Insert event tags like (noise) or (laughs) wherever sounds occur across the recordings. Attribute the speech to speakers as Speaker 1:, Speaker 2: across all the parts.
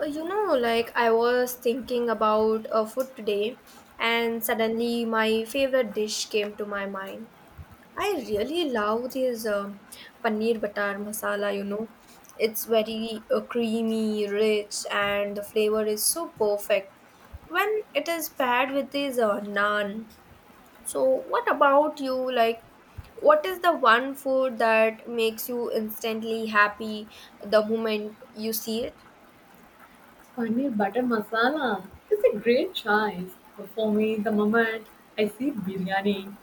Speaker 1: Like I was thinking about food today, and suddenly my favorite dish came to my mind. I really love this paneer butter masala. It's very creamy, rich, and the flavor is so perfect when it is paired with this naan. So, what about you? Like, what is the one food that makes you instantly happy the moment you see it?
Speaker 2: Paneer butter masala is a great choice. For me, the moment I see biryani,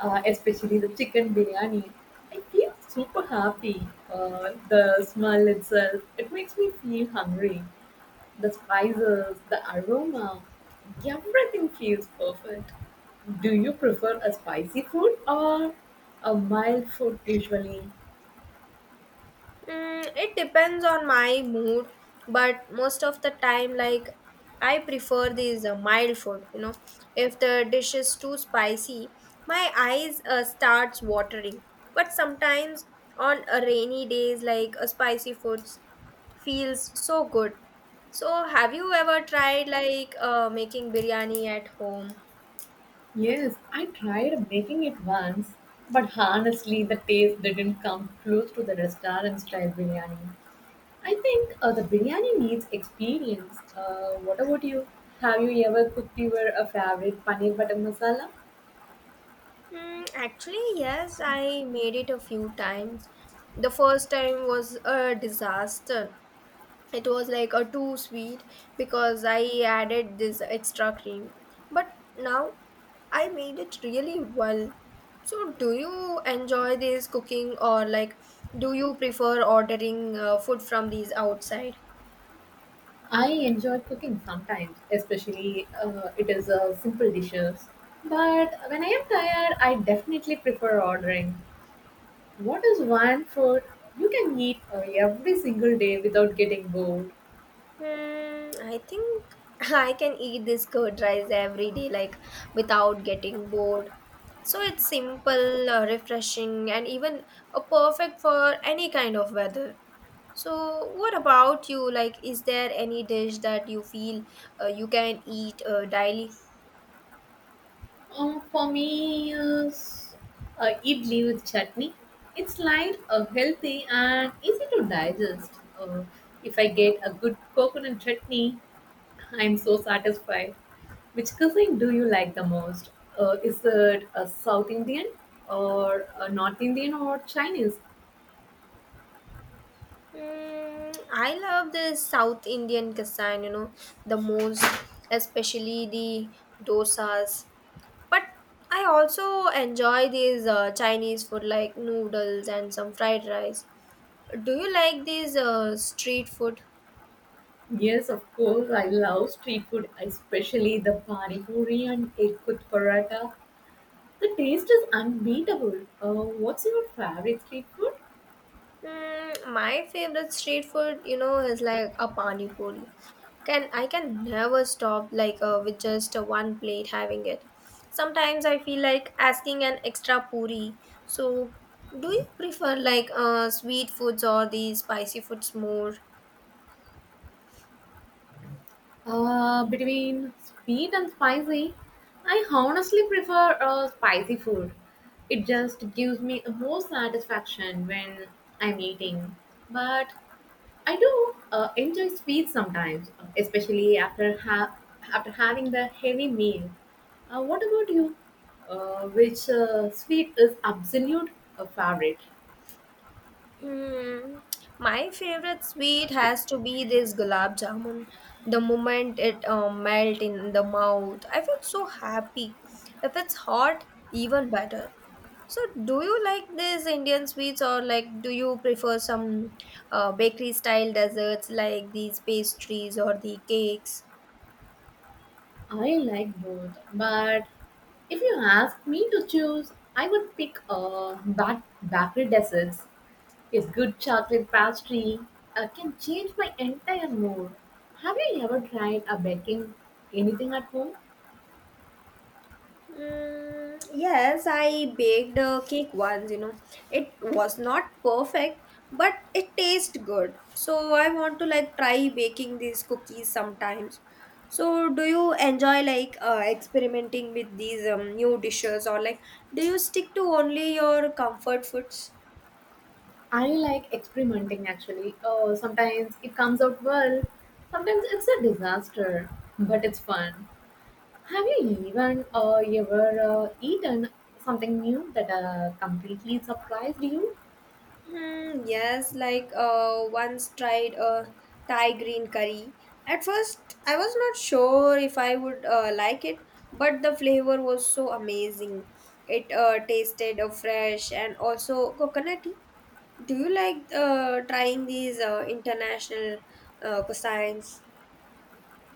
Speaker 2: especially the chicken biryani, I feel super happy. The smell itself, it makes me feel hungry. The spices, the aroma, everything feels perfect. Do you prefer a spicy food or a mild food usually?
Speaker 1: Mm, it depends on my mood, but most of the time, like I prefer these mild food. If the dish is too spicy, my eyes starts watering. But sometimes on a rainy days, like a spicy foods feels so good. So, have you ever tried like making biryani at home?
Speaker 2: Yes, I tried making it once, but honestly, the taste didn't come close to the restaurant style biryani. I think the biryani needs experience. What about you? Have you ever cooked your favorite paneer butter masala?
Speaker 1: Mm, actually, yes, I made it a few times. The first time was a disaster. It was like a too sweet because I added this extra cream, but now I made it really well. So, do you enjoy this cooking, or like, do you prefer ordering food from these outside?
Speaker 2: I enjoy cooking sometimes, especially it is simple dishes. But when I am tired, I definitely prefer ordering. What is one food you can eat every single day without getting bored?
Speaker 1: Hmm, I think (laughs) I can eat this curd rice every day, like without getting bored. So it's simple, refreshing, and even perfect for any kind of weather. So, what about you? Like, is there any dish that you feel you can eat daily?
Speaker 2: For me, is idli with chutney. It's light, healthy, and easy to digest. Uh, if I get a good coconut chutney, I'm so satisfied. Which cuisine do you like the most? Is it a South Indian or a North Indian or Chinese?
Speaker 1: Mm, I love the South Indian cuisine, the most, especially the dosas. But I also enjoy these Chinese food like noodles and some fried rice. Do you like these street food?
Speaker 2: Yes, of course. I love street food, especially the pani puri and egg with paratha. The taste is unbeatable. What's your favorite street food?
Speaker 1: Mm, my favorite street food, is like a pani puri. Can never stop like with just one plate having it. Sometimes I feel like asking an extra puri. So, do you prefer like sweet foods or the spicy foods more?
Speaker 2: Between sweet and spicy, I honestly prefer spicy food. It just gives me more satisfaction when I'm eating. But I do enjoy sweet sometimes, especially after having the heavy meal. What about you? Which sweet is absolute favorite?
Speaker 1: Hmm, my favorite sweet has to be this gulab jamun. The moment it melt in the mouth, I feel so happy. If it's hot, even better. So, do you like this Indian sweets or like do you prefer some bakery style desserts like these pastries or the cakes?
Speaker 2: I like both, but if you ask me to choose, I would pick bakery desserts. A good chocolate pastry can change my entire mood. Have you ever tried a baking anything at home?
Speaker 1: Mm, yes, I baked a cake once. It was not perfect, but it tasted good. So I want to like try baking these cookies sometimes. So do you enjoy like experimenting with these new dishes, or like do you stick to only your comfort foods?
Speaker 2: I like experimenting actually. Oh, sometimes it comes out well, sometimes it's a disaster, but it's fun. Have you even ever eaten something new that completely surprised you?
Speaker 1: Hmm, yes, like once tried a Thai green curry. At first, I was not sure if I would like it, but the flavor was so amazing. It tasted fresh and also coconutty. Do you like trying these international cuisines?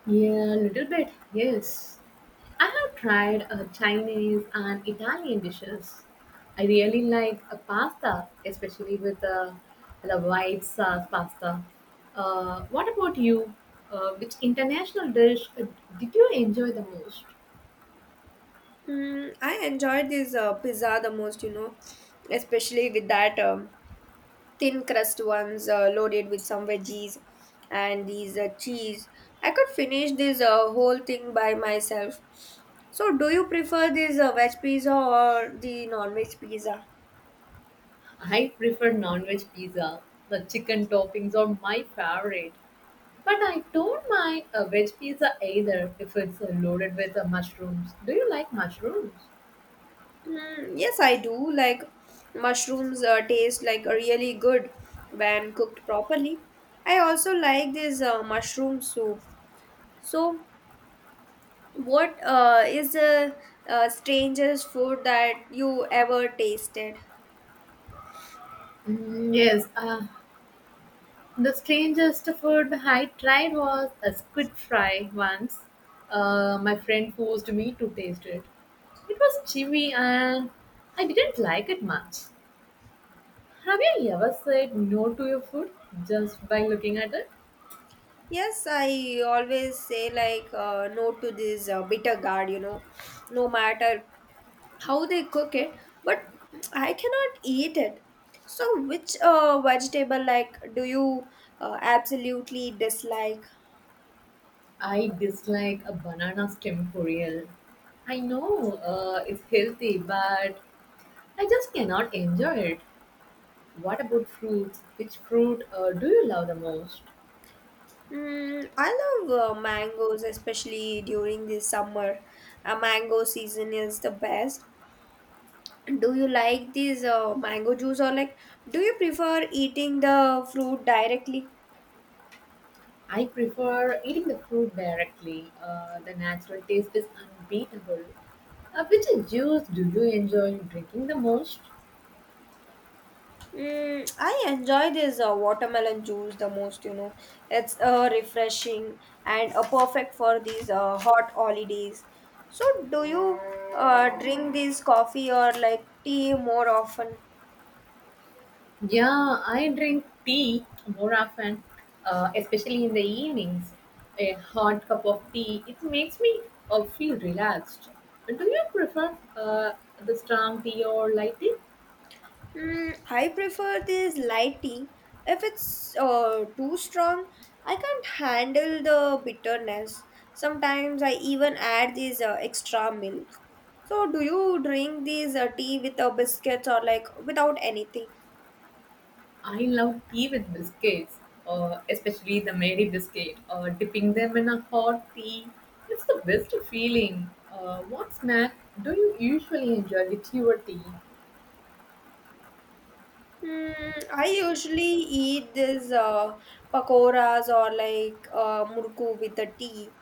Speaker 2: Yeah, a little bit, yes. I have tried Chinese and Italian dishes. I really like pasta, especially with the white sauce pasta. What about you? Which international dish did you enjoy the most?
Speaker 1: Hmm, I enjoyed this pizza the most, especially with that thin crust ones loaded with some veggies and these cheese. I could finish this whole thing by myself. So, do you prefer this veg pizza or the non veg pizza?
Speaker 2: I prefer non-veg pizza. The chicken toppings are my favorite. But I don't mind a veg pizza either if it's loaded with mushrooms. Do you like mushrooms?
Speaker 1: Mm, yes, I do. Like mushrooms taste like really good when cooked properly. I also like this mushroom soup. So, what is the strangest food that you ever tasted?
Speaker 2: Mm, yes, the strangest food I tried was a squid fry once. My friend forced me to taste it. It was chewy and I didn't like it much. Have you ever said no to your food just by looking at it?
Speaker 1: Yes, I always say like no to this bitter gourd, no matter how they cook it, but I cannot eat it. So, which vegetable like do you absolutely dislike?
Speaker 2: I dislike a banana stem cereal. I know it's healthy, but I just cannot enjoy it. What about fruits? Which fruit do you love the most?
Speaker 1: Mm, I love mangoes, especially during the summer. Mango season is the best. Do you like these mango juice or like do you prefer eating the fruit directly?
Speaker 2: I prefer eating the fruit directly. The natural taste is unbeatable. Which juice do you enjoy drinking the most?
Speaker 1: Mm, I enjoy this watermelon juice the most. It's refreshing and perfect for these hot holidays. So, do you drink this coffee or like tea more often?
Speaker 2: Yeah, I drink tea more often, especially in the evenings. A hot cup of tea, it makes me feel relaxed. Do you prefer the strong tea or light tea?
Speaker 1: Mm, I prefer this light tea. If it's too strong, I can't handle the bitterness. Sometimes I even add this extra milk. So, do you drink these tea with a biscuit or like without anything?
Speaker 2: I love tea with biscuits, especially the Mary biscuit. Dipping them in a hot tea, it's the best feeling. What snack do you usually enjoy with your tea?
Speaker 1: Mm, I usually eat this pakoras or like murku with the tea.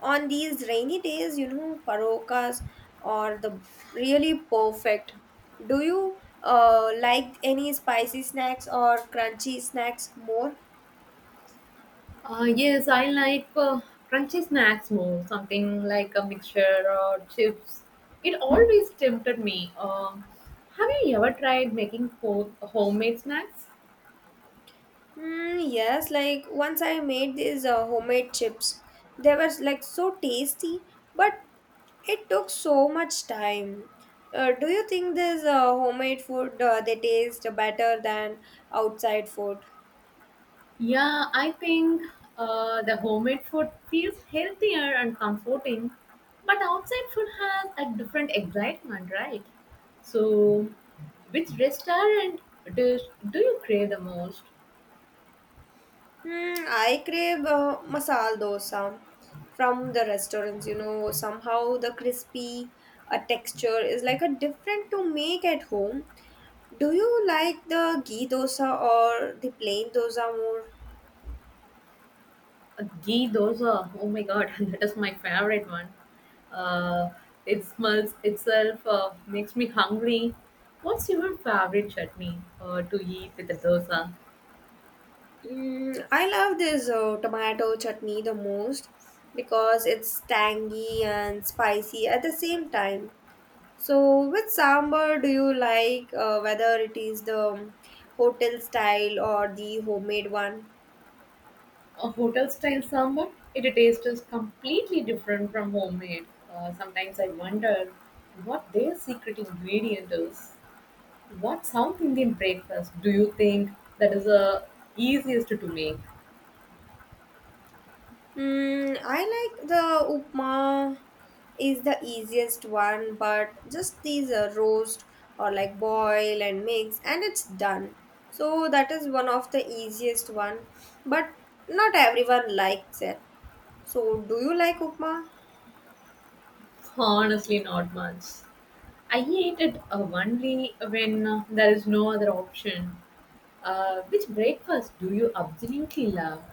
Speaker 1: On these rainy days, parokas are the really perfect. Do you like any spicy snacks or crunchy snacks more?
Speaker 2: Yes, I like crunchy snacks more, something like a mixture or chips. It always tempted me. Have you ever tried making homemade snacks?
Speaker 1: Mm, yes, like once I made these homemade chips. They were like so tasty, but it took so much time. Do you think this homemade food they taste better than outside food?
Speaker 2: Yeah, I think the homemade food feels healthier and comforting, but outside food has a different excitement, right? So, which restaurant dish do you crave the most?
Speaker 1: Hmm, I crave masala dosa from the restaurants. Somehow the crispy texture is like a different to make at home. Do you like the ghee dosa or the plain dosa more?
Speaker 2: Ghee dosa. Oh my god, (laughs) that is my favorite one. Uh, it smells itself, makes me hungry. What's your favorite chutney to eat with the dosa?
Speaker 1: Mm, I love this tomato chutney the most because it's tangy and spicy at the same time. So, which sambar do you like, whether it is the hotel style or the homemade one?
Speaker 2: A hotel style sambar; it tastes is completely different from homemade. Sometimes I wonder what their secret ingredient is. What South Indian breakfast do you think that is the easiest to make?
Speaker 1: Mm, I like the upma is the easiest one, but just these roast or like boil and mix and it's done. So that is one of the easiest one, but not everyone likes it. So do you like upma?
Speaker 2: Honestly, not much. I eat it only when there is no other option. Which breakfast do you absolutely love?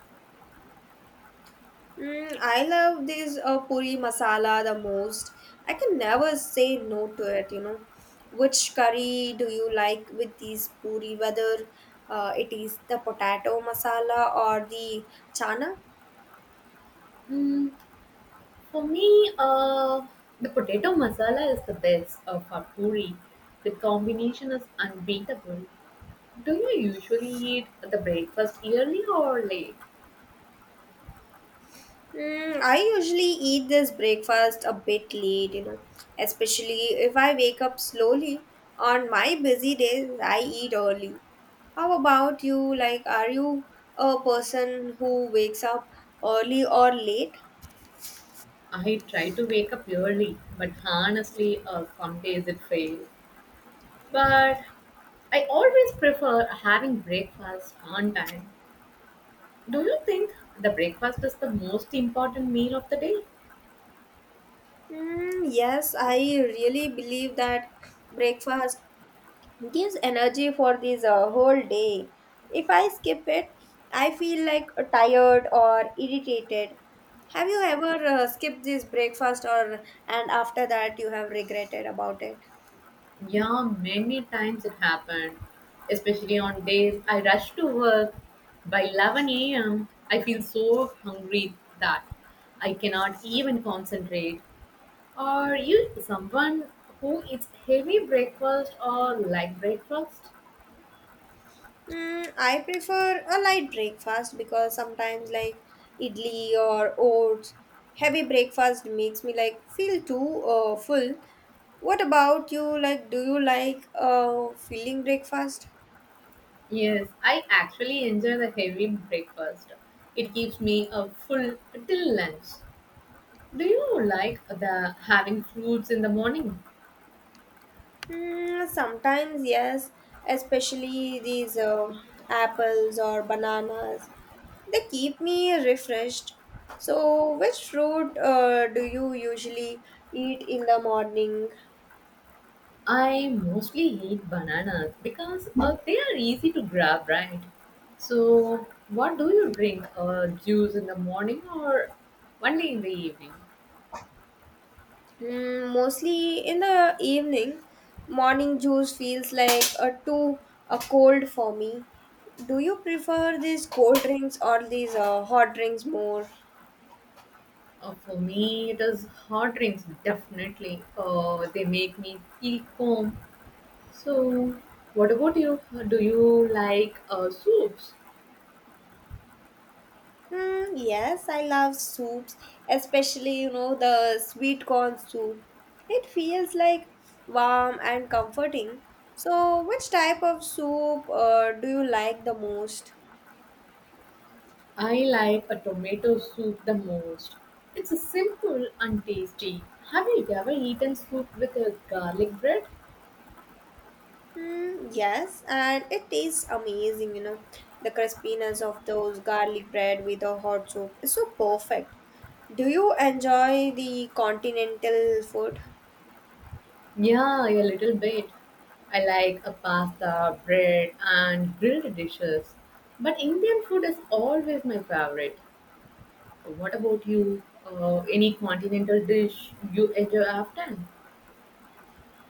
Speaker 1: Mm, I love this puri masala the most. I can never say no to it. Which curry do you like with these puri, whether it is the potato masala or the chana?
Speaker 2: Hmm. For me, the potato masala is the best for puri. The combination is unbeatable. Do you usually eat the breakfast early or late?
Speaker 1: Mm, I usually eat this breakfast a bit late, especially if I wake up slowly. On my busy days, I eat early. How about you? Like, are you a person who wakes up early or late?
Speaker 2: I try to wake up early, but honestly, some days it fails. But I always prefer having breakfast on time. Do you think the breakfast is the most important meal of the day?
Speaker 1: Mm, yes, I really believe that breakfast gives energy for this whole day. If I skip it, I feel like tired or irritated. Have you ever skipped this breakfast or and after that you have regretted about it?
Speaker 2: Yeah, many times it happened, especially on days I rush to work. By 11 a.m., I feel so hungry that I cannot even concentrate. Are you someone who eats heavy breakfast or light breakfast?
Speaker 1: Mm, I prefer a light breakfast because sometimes like idli or oats, heavy breakfast makes me like feel too full. What about you? Like, do you like filling breakfast?
Speaker 2: Yes, I actually enjoy the heavy breakfast. It keeps me full till lunch. Do you like the having fruits in the morning?
Speaker 1: Mm, sometimes yes, especially these apples or bananas. They keep me refreshed. So, which fruit do you usually eat in the morning?
Speaker 2: I mostly eat bananas because they are easy to grab, right? So, what do you drink? Juice in the morning or only in the evening?
Speaker 1: Mm, mostly in the evening. Morning juice feels like a too a cold for me. Do you prefer these cold drinks or these hot drinks more?
Speaker 2: For me, it is hot drinks, definitely. They make me feel calm. So, what about you? Do you like soups?
Speaker 1: Mm, yes, I love soups, especially the sweet corn soup. It feels like warm and comforting. So, which type of soup do you like the most?
Speaker 2: I like a tomato soup the most. It's a simple and tasty. Have you ever eaten soup with a garlic bread?
Speaker 1: Mm, yes, and it tastes amazing. The crispiness of those garlic bread with a hot soup is so perfect. Do you enjoy the continental food?
Speaker 2: Yeah, a little bit. I like a pasta, bread, and grilled dishes. But Indian food is always my favorite. What about you? Any continental dish you enjoy often?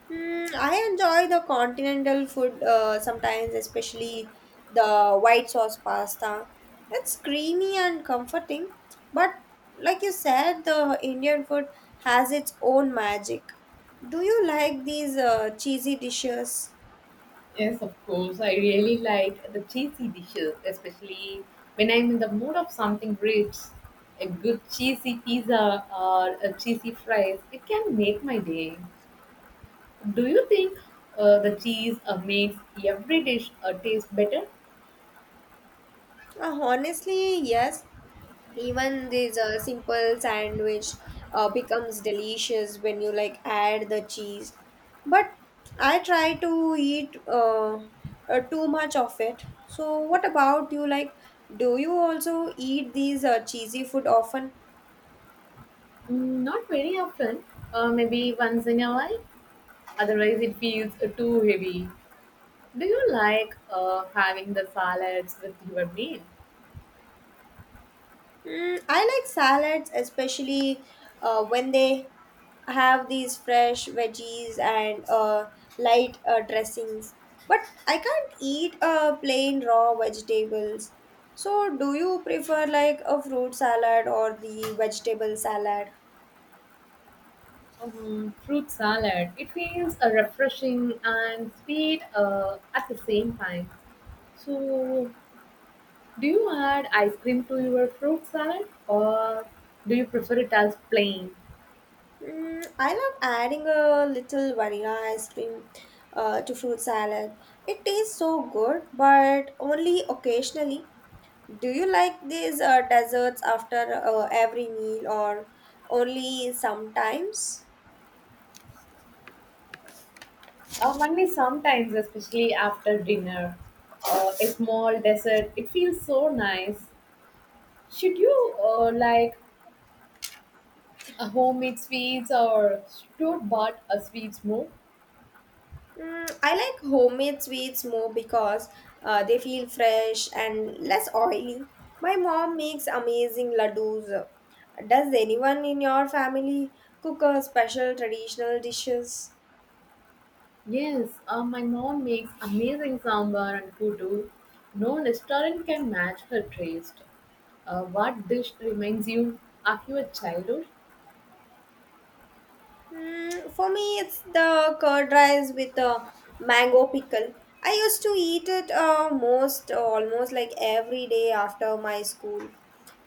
Speaker 1: Mm, I enjoy the continental food sometimes, especially the white sauce pasta. It's creamy and comforting, but like you said, the Indian food has its own magic. Do you like these cheesy dishes?
Speaker 2: Yes, of course. I really like the cheesy dishes, especially when I'm in the mood of something rich. A good cheesy pizza or a cheesy fries, it can make my day. Do you think the cheese makes every dish taste better?
Speaker 1: Honestly, yes. Even this simple sandwich becomes delicious when you like add the cheese. But I try to eat too much of it. So what about you? Like, do you also eat these cheesy food often?
Speaker 2: Mm, not very often, maybe once in a while. Otherwise, it feels too heavy. Do you like having the salads with your meal?
Speaker 1: Mm, I like salads, especially when they have these fresh veggies and light dressings. But I can't eat plain raw vegetables. So, do you prefer like a fruit salad or the vegetable salad?
Speaker 2: Fruit salad. It feels refreshing and sweet at the same time. So, do you add ice cream to your fruit salad or do you prefer it as plain?
Speaker 1: Mm, I love adding a little vanilla ice cream to fruit salad. It tastes so good, but only occasionally. Do you like these desserts after every meal or only sometimes?
Speaker 2: Only sometimes, especially after dinner. A small dessert. It feels so nice. Should you like a homemade sweets or should bought a sweets more?
Speaker 1: Mm, I like homemade sweets more because they feel fresh and less oily. My mom makes amazing ladoos. Does anyone in your family cook a special traditional dishes?
Speaker 2: Yes, my mom makes amazing sambar and kudu. No restaurant can match her taste. What dish reminds you of your childhood?
Speaker 1: Mm, for me, it's the curd rice with a mango pickle. I used to eat it most almost like every day after my school.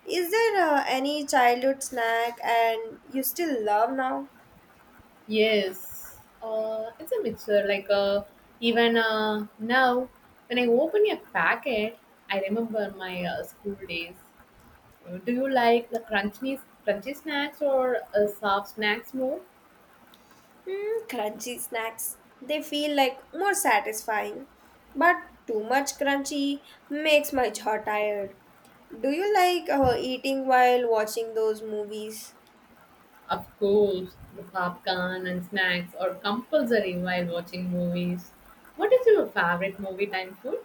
Speaker 1: Is there any childhood snack and you still love now?
Speaker 2: Yes, it's a mixture. Like even now, when I open a packet, I remember my school days. Do you like the crunchy snacks or soft snacks more?
Speaker 1: Mm, crunchy snacks. They feel like more satisfying, but too much crunchy makes my jaw tired. Do you like eating while watching those movies?
Speaker 2: Of course, the popcorn and snacks are compulsory while watching movies. What is your favorite movie time food?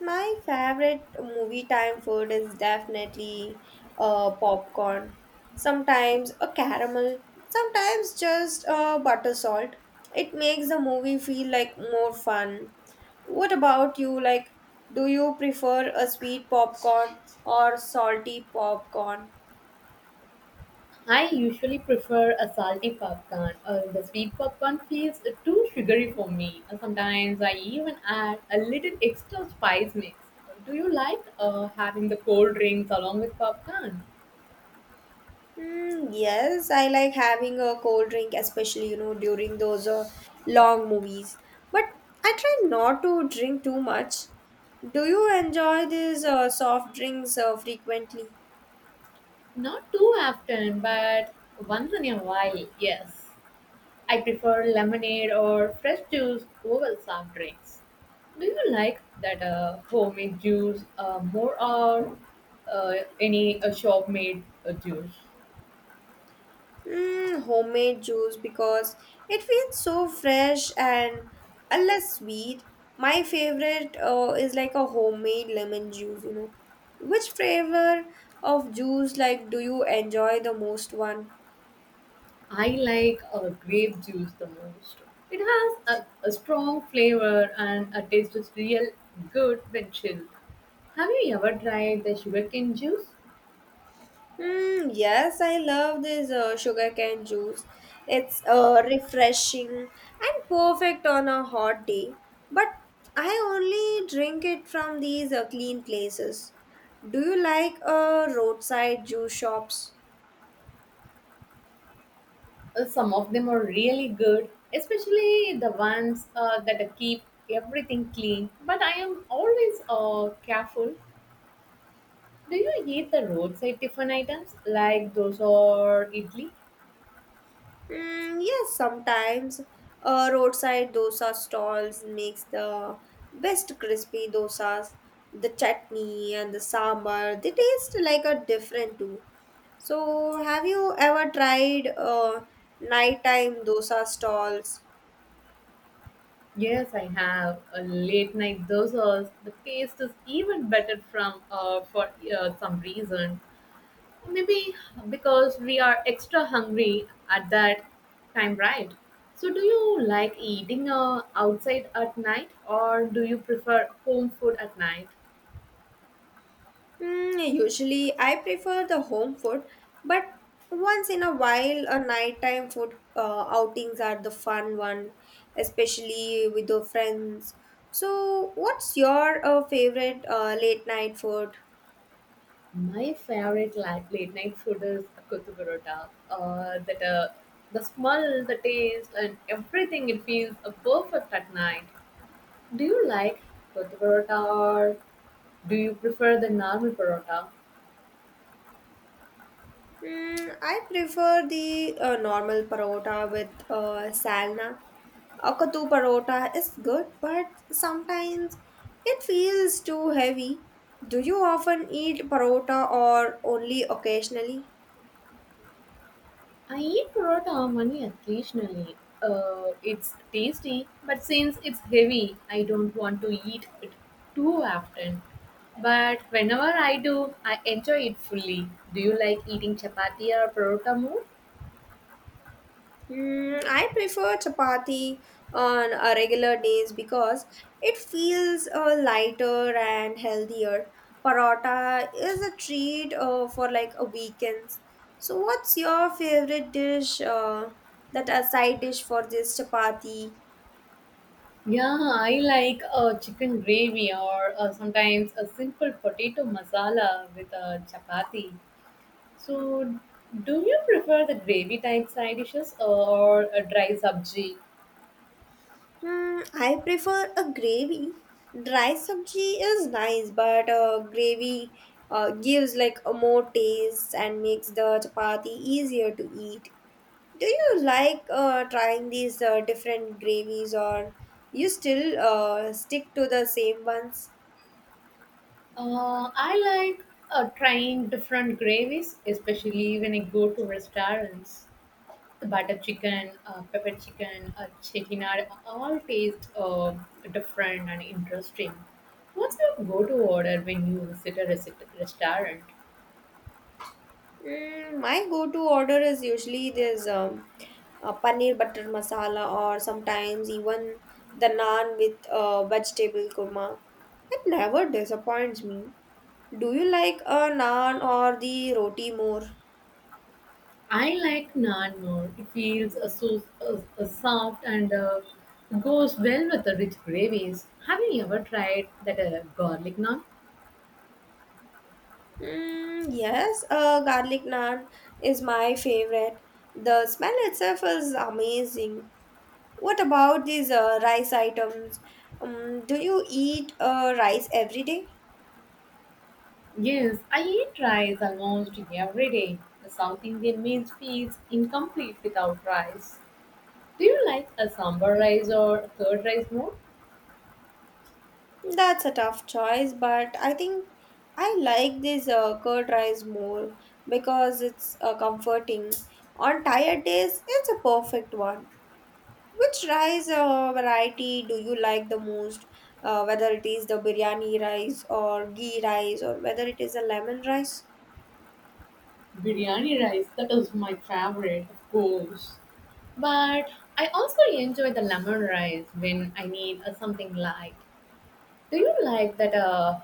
Speaker 1: My favorite movie time food is definitely popcorn. Sometimes a caramel, sometimes just butter salt. It makes the movie feel like more fun. What about you? Like, do you prefer a sweet popcorn or salty popcorn?
Speaker 2: I usually prefer a salty popcorn. The sweet popcorn feels too sugary for me. Sometimes I even add a little extra spice mix. Do you like having the cold drinks along with popcorn?
Speaker 1: Mm, yes, I like having a cold drink, especially, during those long movies. But I try not to drink too much. Do you enjoy these soft drinks frequently?
Speaker 2: Not too often, but once in a while, yes. I prefer lemonade or fresh juice over soft drinks. Do you like that homemade juice uh, more or uh, any uh, shop made juice?
Speaker 1: Mm, homemade juice because it feels so fresh and a less sweet. My favorite is like a homemade lemon juice. Which flavor of juice like do you enjoy the most one?
Speaker 2: I like grape juice the most. It has a strong flavor and a taste is real good when chilled. Have you ever tried the sugarcane juice?
Speaker 1: Mm, yes, I love this sugarcane juice. It's refreshing and perfect on a hot day. But I only drink it from these clean places. Do you like roadside juice shops?
Speaker 2: Some of them are really good, especially the ones that keep everything clean. But I am always careful. Do you eat the roadside tiffin items like those or idli?
Speaker 1: Mm, yes, sometimes. Roadside dosa stalls makes the best crispy dosas. The chutney and the sambar, they taste like a different too. So, have you ever tried nighttime dosa stalls?
Speaker 2: Yes, I have a late night dosas. The taste is even better from for some reason. Maybe because we are extra hungry at that time, right? So, do you like eating outside at night or do you prefer home food at night?
Speaker 1: Usually, I prefer the home food, but once in a while, a nighttime food outings are the fun one, especially with the friends. So, what's your favorite late night food?
Speaker 2: My favorite like, late night food is kuttu parota. That the smell, the taste, and everything it feels perfect at night. Do you like kuttu parota or do you prefer the normal parota?
Speaker 1: I prefer the normal parota with salna. Akatu parota is good, but sometimes it feels too heavy. Do you often eat parota or only occasionally?
Speaker 2: I eat parotta only occasionally. It's tasty, but since it's heavy, I don't want to eat it too often. But whenever I do, I enjoy it fully. Do you like eating chapati or parotta more?
Speaker 1: I prefer chapati on a regular days because it feels lighter and healthier. Parotta is a treat for like a weekends. So, what's your favorite dish? That a side dish for this chapati?
Speaker 2: Yeah, I like chicken gravy or sometimes a simple potato masala with a chapati. So, do you prefer the gravy type side dishes or a dry sabji?
Speaker 1: I prefer a gravy. Dry sabji is nice, but gravy gives like a more taste and makes the chapati easier to eat. Do you like trying these different gravies or you still stick to the same ones?
Speaker 2: I like trying different gravies, especially when I go to restaurants. The butter chicken, pepper chicken, chettinad all taste different and interesting. What's your go-to order when you visit a restaurant?
Speaker 1: My go-to order is usually this paneer butter masala or sometimes even the naan with vegetable kurma. It never disappoints me. Do you like a naan or the roti more?
Speaker 2: I like naan more. It feels so soft and goes well with the rich gravies. Have you ever tried that garlic naan?
Speaker 1: Yes, garlic naan is my favorite. The smell itself is amazing. What about these rice items? Do you eat rice every day?
Speaker 2: Yes, I eat rice almost every day. The South Indian meal feels incomplete without rice. Do you like a sambar rice or a curd rice more?
Speaker 1: That's a tough choice, but I think I like this curd rice more because it's comforting. On tired days, it's a perfect one. Which rice variety do you like the most? Whether it is the biryani rice or ghee rice or whether it is a lemon rice?
Speaker 2: Biryani rice, that is my favorite, of course. But I also enjoy the lemon rice when I need something light. Do you like that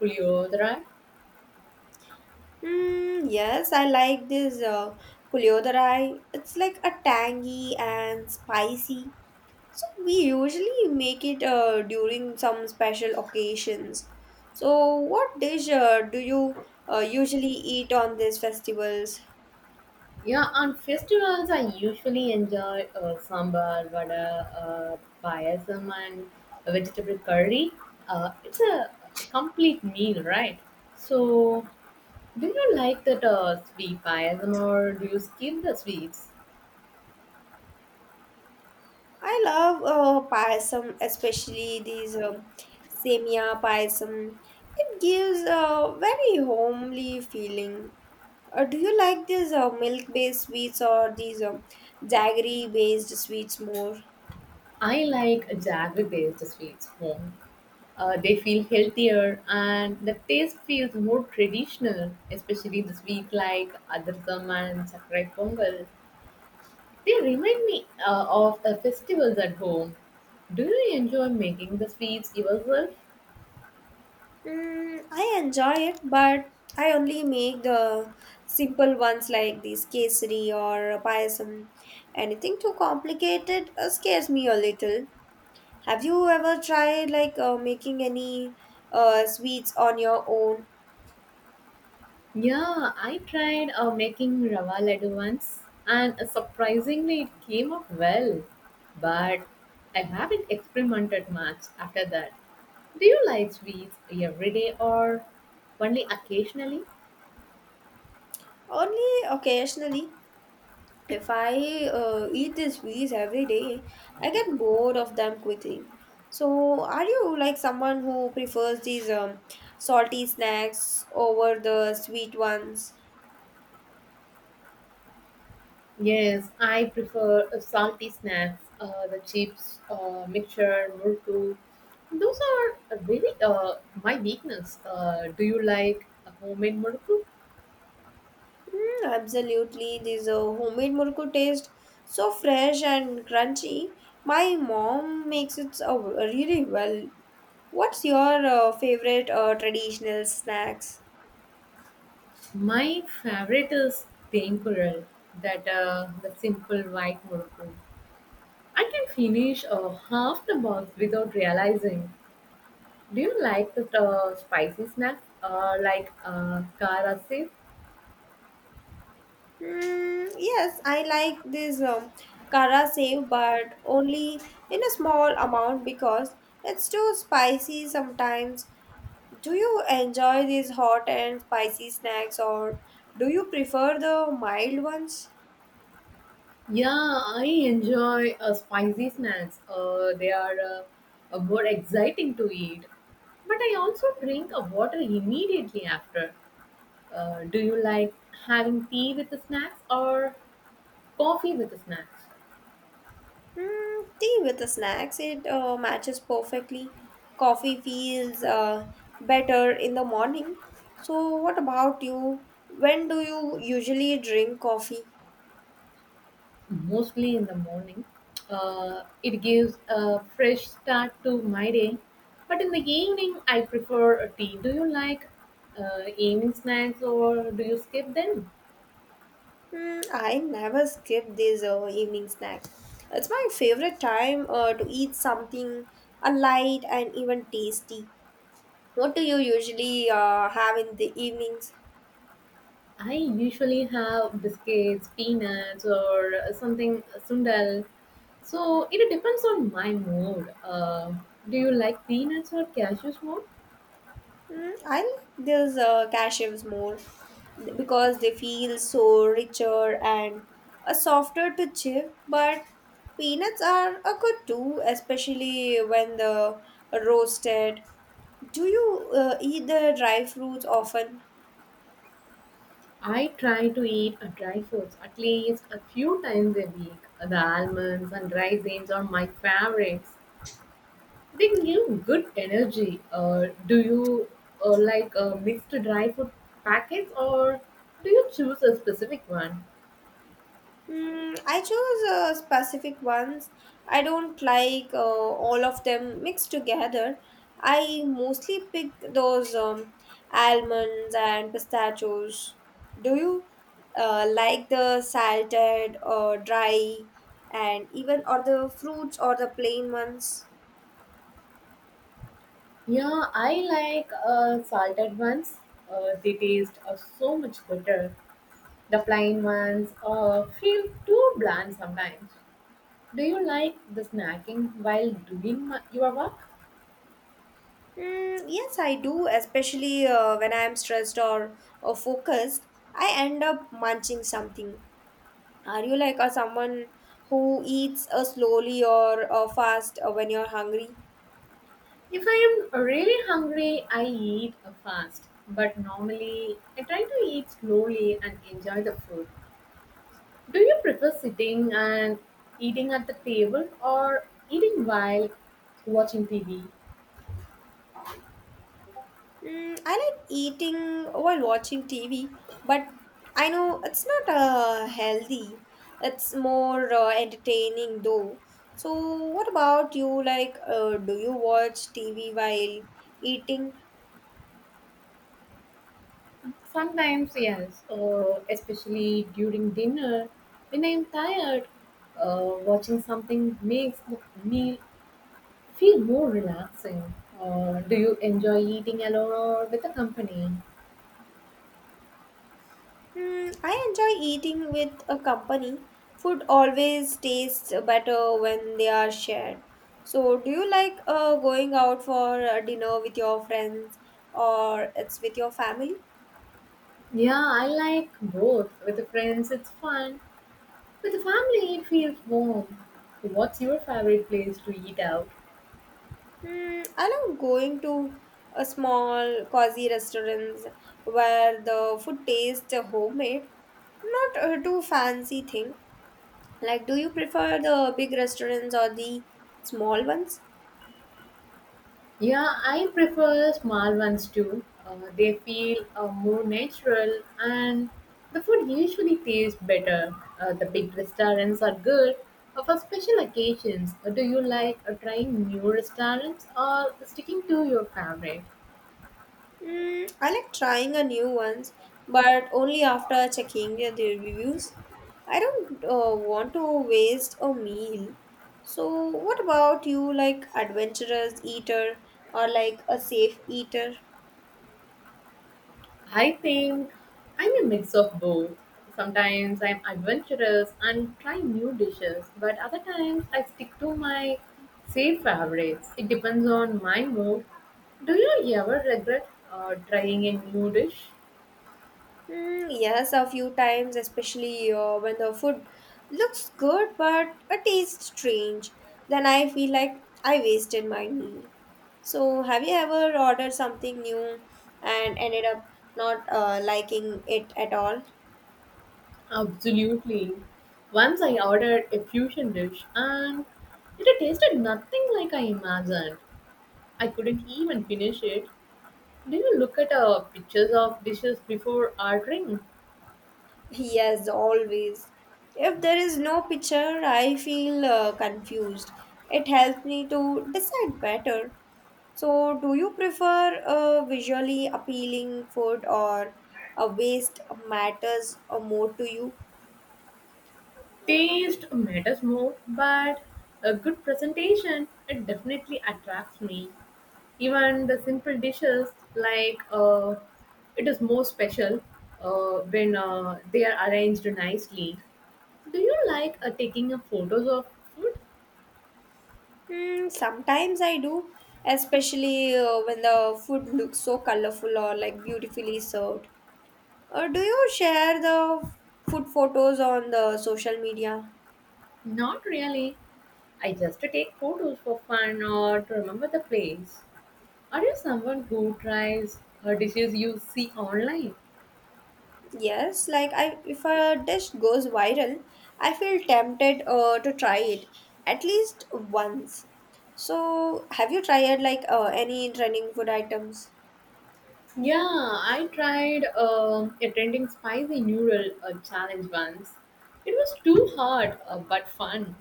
Speaker 2: puliyodra?
Speaker 1: Yes, I like this puliodarai. It's like a tangy and spicy. So we usually make it during some special occasions. So what dish do you usually eat on these festivals?
Speaker 2: Yeah, on festivals, I usually enjoy sambar, vada, payasam, and a vegetable curry. It's a complete meal, right? So, do you like that sweet payasam or do you skip the sweets?
Speaker 1: I love payasam, especially these semia payasam. It gives a very homely feeling. Do you like these milk-based sweets or these jaggery-based sweets more?
Speaker 2: I like jaggery based sweets more. They feel healthier and the taste feels more traditional, especially the sweet like adrasam and sakrai pongal. They remind me of the festivals at home. Do you enjoy making the sweets yourself?
Speaker 1: I enjoy it, but I only make the simple ones like these kesari or payasam. Anything too complicated scares me a little. Have you ever tried like making any sweets on your own?
Speaker 2: Yeah, I tried making rava laddu once, and surprisingly, it came out well. But I haven't experimented much after that. Do you like sweets every day or only occasionally?
Speaker 1: Only occasionally. If I eat these sweets every day, I get bored of them quickly. So, are you like someone who prefers these salty snacks over the sweet ones?
Speaker 2: Yes, I prefer salty snacks, the chips, mixture, murku. Those are really my weakness. Do you like homemade murku?
Speaker 1: Absolutely. These homemade murku taste so fresh and crunchy. My mom makes it really well. What's your favorite traditional snacks?
Speaker 2: My favorite is temporal, that the simple white murku. I can finish half the box without realizing. Do you like the spicy snacks like kara sev?
Speaker 1: Yes, I like this kara save, but only in a small amount because it's too spicy sometimes. Do you enjoy these hot and spicy snacks, or do you prefer the mild ones?
Speaker 2: Yeah, I enjoy spicy snacks. They are more exciting to eat. But I also drink water immediately after. Do you like having tea with the snacks or coffee with the snacks?
Speaker 1: Tea with the snacks. It matches perfectly. Coffee feels better in the morning. So, what about you? When do you usually drink coffee?
Speaker 2: Mostly in the morning. It gives a fresh start to my day. But in the evening, I prefer a tea. Do you like evening snacks or do you skip them?
Speaker 1: I never skip this evening snack. It's my favorite time to eat something light and even tasty. What do you usually have in the evenings?
Speaker 2: I usually have biscuits, peanuts, or something sundal. So it depends on my mood. Do you like peanuts or cashews more?
Speaker 1: I like those cashews more because they feel so richer and softer to chip. But peanuts are a good too, especially when the roasted. Do you eat the dry fruits often?
Speaker 2: I try to eat dry fruits at least a few times a week. The almonds and raisins are my favorites. They give good energy. Do you like mixed dry fruit packets or do you choose a specific one?
Speaker 1: I chose specific ones. I don't like all of them mixed together. I mostly pick those almonds and pistachios. Do you like the salted or dry and even or the fruits or the plain ones?
Speaker 2: Yeah, I like salted ones. They taste so much better. The plain ones feel too bland sometimes. Do you like the snacking while doing your work?
Speaker 1: Yes, I do, especially when I'm stressed or focused. I end up munching something. Are you like a someone who eats slowly or fast when you're hungry?
Speaker 2: If I am really hungry, I eat fast. But normally, I try to eat slowly and enjoy the food. Do you prefer sitting and eating at the table or eating while watching TV?
Speaker 1: I like eating while watching TV, but I know it's not healthy. It's more entertaining though. So, what about you? Like, do you watch TV while eating?
Speaker 2: Sometimes, yes, especially during dinner, when I'm tired, watching something makes the meal feel more relaxing. Do you enjoy eating alone or with a company?
Speaker 1: I enjoy eating with a company. Food always tastes better when they are shared. So, do you like going out for dinner with your friends or it's with your family?
Speaker 2: Yeah, I like both. With the friends, it's fun. With the family, it feels warm. What's your favorite place to eat out?
Speaker 1: I love going to a small cozy restaurants where the food tastes homemade, not too fancy thing. Like, do you prefer the big restaurants or the small ones?
Speaker 2: Yeah, I prefer small ones too. They feel more natural and the food usually tastes better. The big restaurants are good for special occasions. Do you like trying new restaurants or sticking to your favorite?
Speaker 1: I like trying a new ones, but only after checking the reviews. I don't want to waste a meal. So, what about you, like adventurous eater or like a safe eater?
Speaker 2: I think I'm a mix of both. Sometimes I'm adventurous and try new dishes, but other times I stick to my safe favorites. It depends on my mood. Do you ever regret trying a new dish?
Speaker 1: Yes, a few times, especially when the food looks good but it tastes strange. Then I feel like I wasted my meal. So, have you ever ordered something new and ended up not liking it at all? (laughs)
Speaker 2: Absolutely. Once I ordered a fusion dish and it tasted nothing like I imagined. I couldn't even finish it. Do you look at pictures of dishes before ordering?
Speaker 1: Yes, always. If there is no picture, I feel confused. It helps me to decide better. So, do you prefer a visually appealing food or a waste matters more to you?
Speaker 2: Taste matters more, but a good presentation it definitely attracts me. Even the simple dishes like, it is more special when they are arranged nicely. Do you like taking a photos of food?
Speaker 1: Sometimes I do, especially when the food looks so colorful or like beautifully served. Or do you share the food photos on the social media?
Speaker 2: Not really. I just take photos for fun or to remember the place. Are you someone who tries dishes you see online?
Speaker 1: Yes, like I if a dish goes viral, I feel tempted to try it at least once. So, have you tried like any trending food items?
Speaker 2: Yeah, I tried attending spicy noodle challenge once. It was too hard but fun.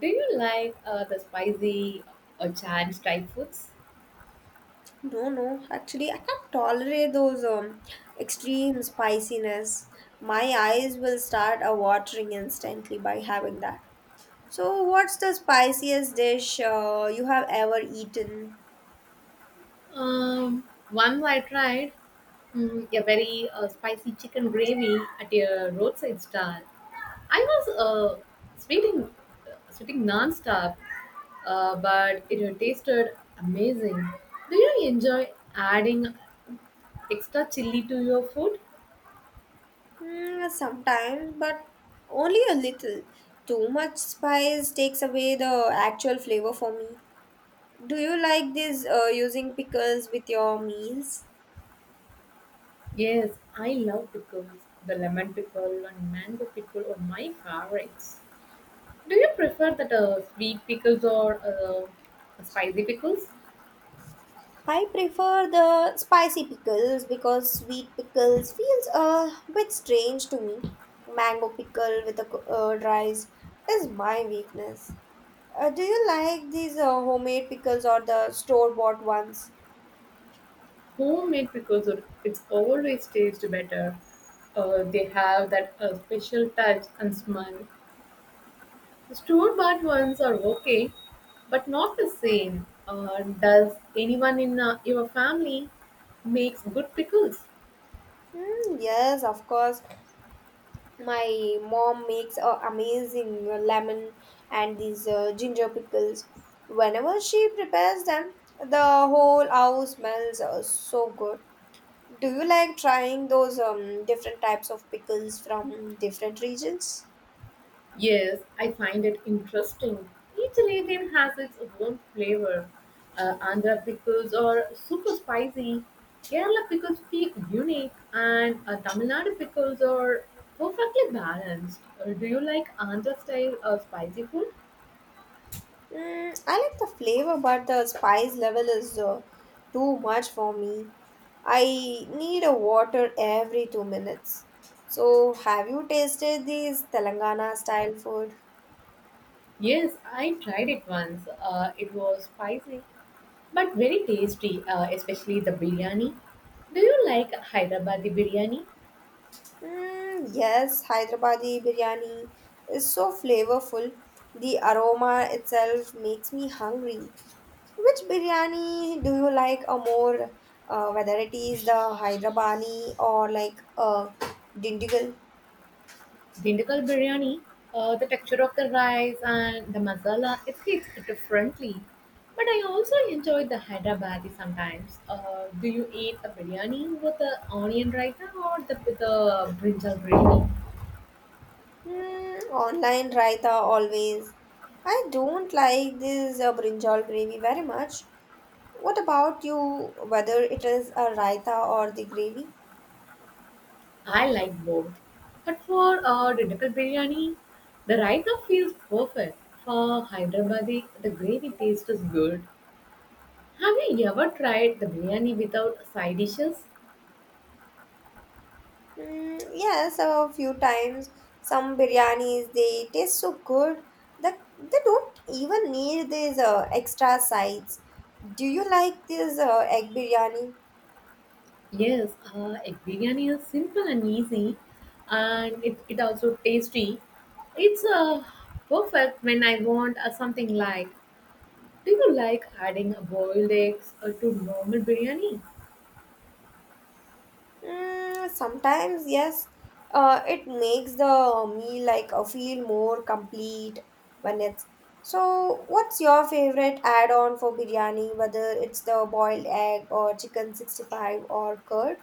Speaker 2: Do you like the spicy challenge type foods?
Speaker 1: No, no. Actually, I can't tolerate those extreme spiciness. My eyes will start watering instantly by having that. So, what's the spiciest dish you have ever eaten?
Speaker 2: Um, Once I tried a very spicy chicken gravy at a roadside stall. I was sweating, sweating non-stop, but it tasted amazing. Do you enjoy adding extra chili to your food?
Speaker 1: Sometimes, but only a little. Too much spice takes away the actual flavor for me. Do you like this using pickles with your meals?
Speaker 2: Yes, I love pickles. The lemon pickle and mango pickle are my favorites. Do you prefer that sweet pickles or spicy pickles?
Speaker 1: I prefer the spicy pickles because sweet pickles feels a bit strange to me. Mango pickle with rice is my weakness. Do you like these homemade pickles or the store bought ones?
Speaker 2: Homemade pickles are it's always taste better. They have that special touch and smell. The store-bought ones are okay, but not the same. Does anyone in your family makes good pickles?
Speaker 1: Yes, of course. My mom makes amazing lemon and these ginger pickles. Whenever she prepares them, the whole house smells so good. Do you like trying those different types of pickles from different regions?
Speaker 2: Yes, I find it interesting. Each region has its own flavor. Andhra pickles are super spicy. Kerala pickles feel unique, and Tamil Nadu pickles are perfectly balanced. Do you like Andhra style spicy food?
Speaker 1: I like the flavor, but the spice level is too much for me. I need a water every 2 minutes. So, have you tasted these Telangana style food?
Speaker 2: Yes, I tried it once. It was spicy, but very tasty, especially the biryani. Do you like Hyderabadi biryani?
Speaker 1: Yes, Hyderabadi biryani is so flavorful. The aroma itself makes me hungry. Which biryani do you like a more, whether it is the Hyderabadi or like a Dindigul?
Speaker 2: Dindigul biryani, the texture of the rice and the masala, it hits differently. But I also enjoy the Hyderabadi sometimes. Do you eat a biryani with the onion raita with the brinjal biryani?
Speaker 1: Online raita always. I don't like this brinjal gravy very much. What about you, whether it is a raita or the gravy?
Speaker 2: I like both. But for Dindigul biryani, the raita feels perfect. For Hyderabadi, the gravy taste is good. Have you ever tried the biryani without side dishes?
Speaker 1: Yes, a few times. Some biryanis they taste so good that they don't even need these extra sides. Do you like this egg biryani?
Speaker 2: Yes, egg biryani is simple and easy, and it also tasty. It's perfect when I want something like. Do you like adding a boiled eggs to normal biryani?
Speaker 1: Sometimes yes. It makes the meal like feel more complete when it's. So, what's your favorite add-on for biryani? Whether it's the boiled egg or chicken 65 or curd?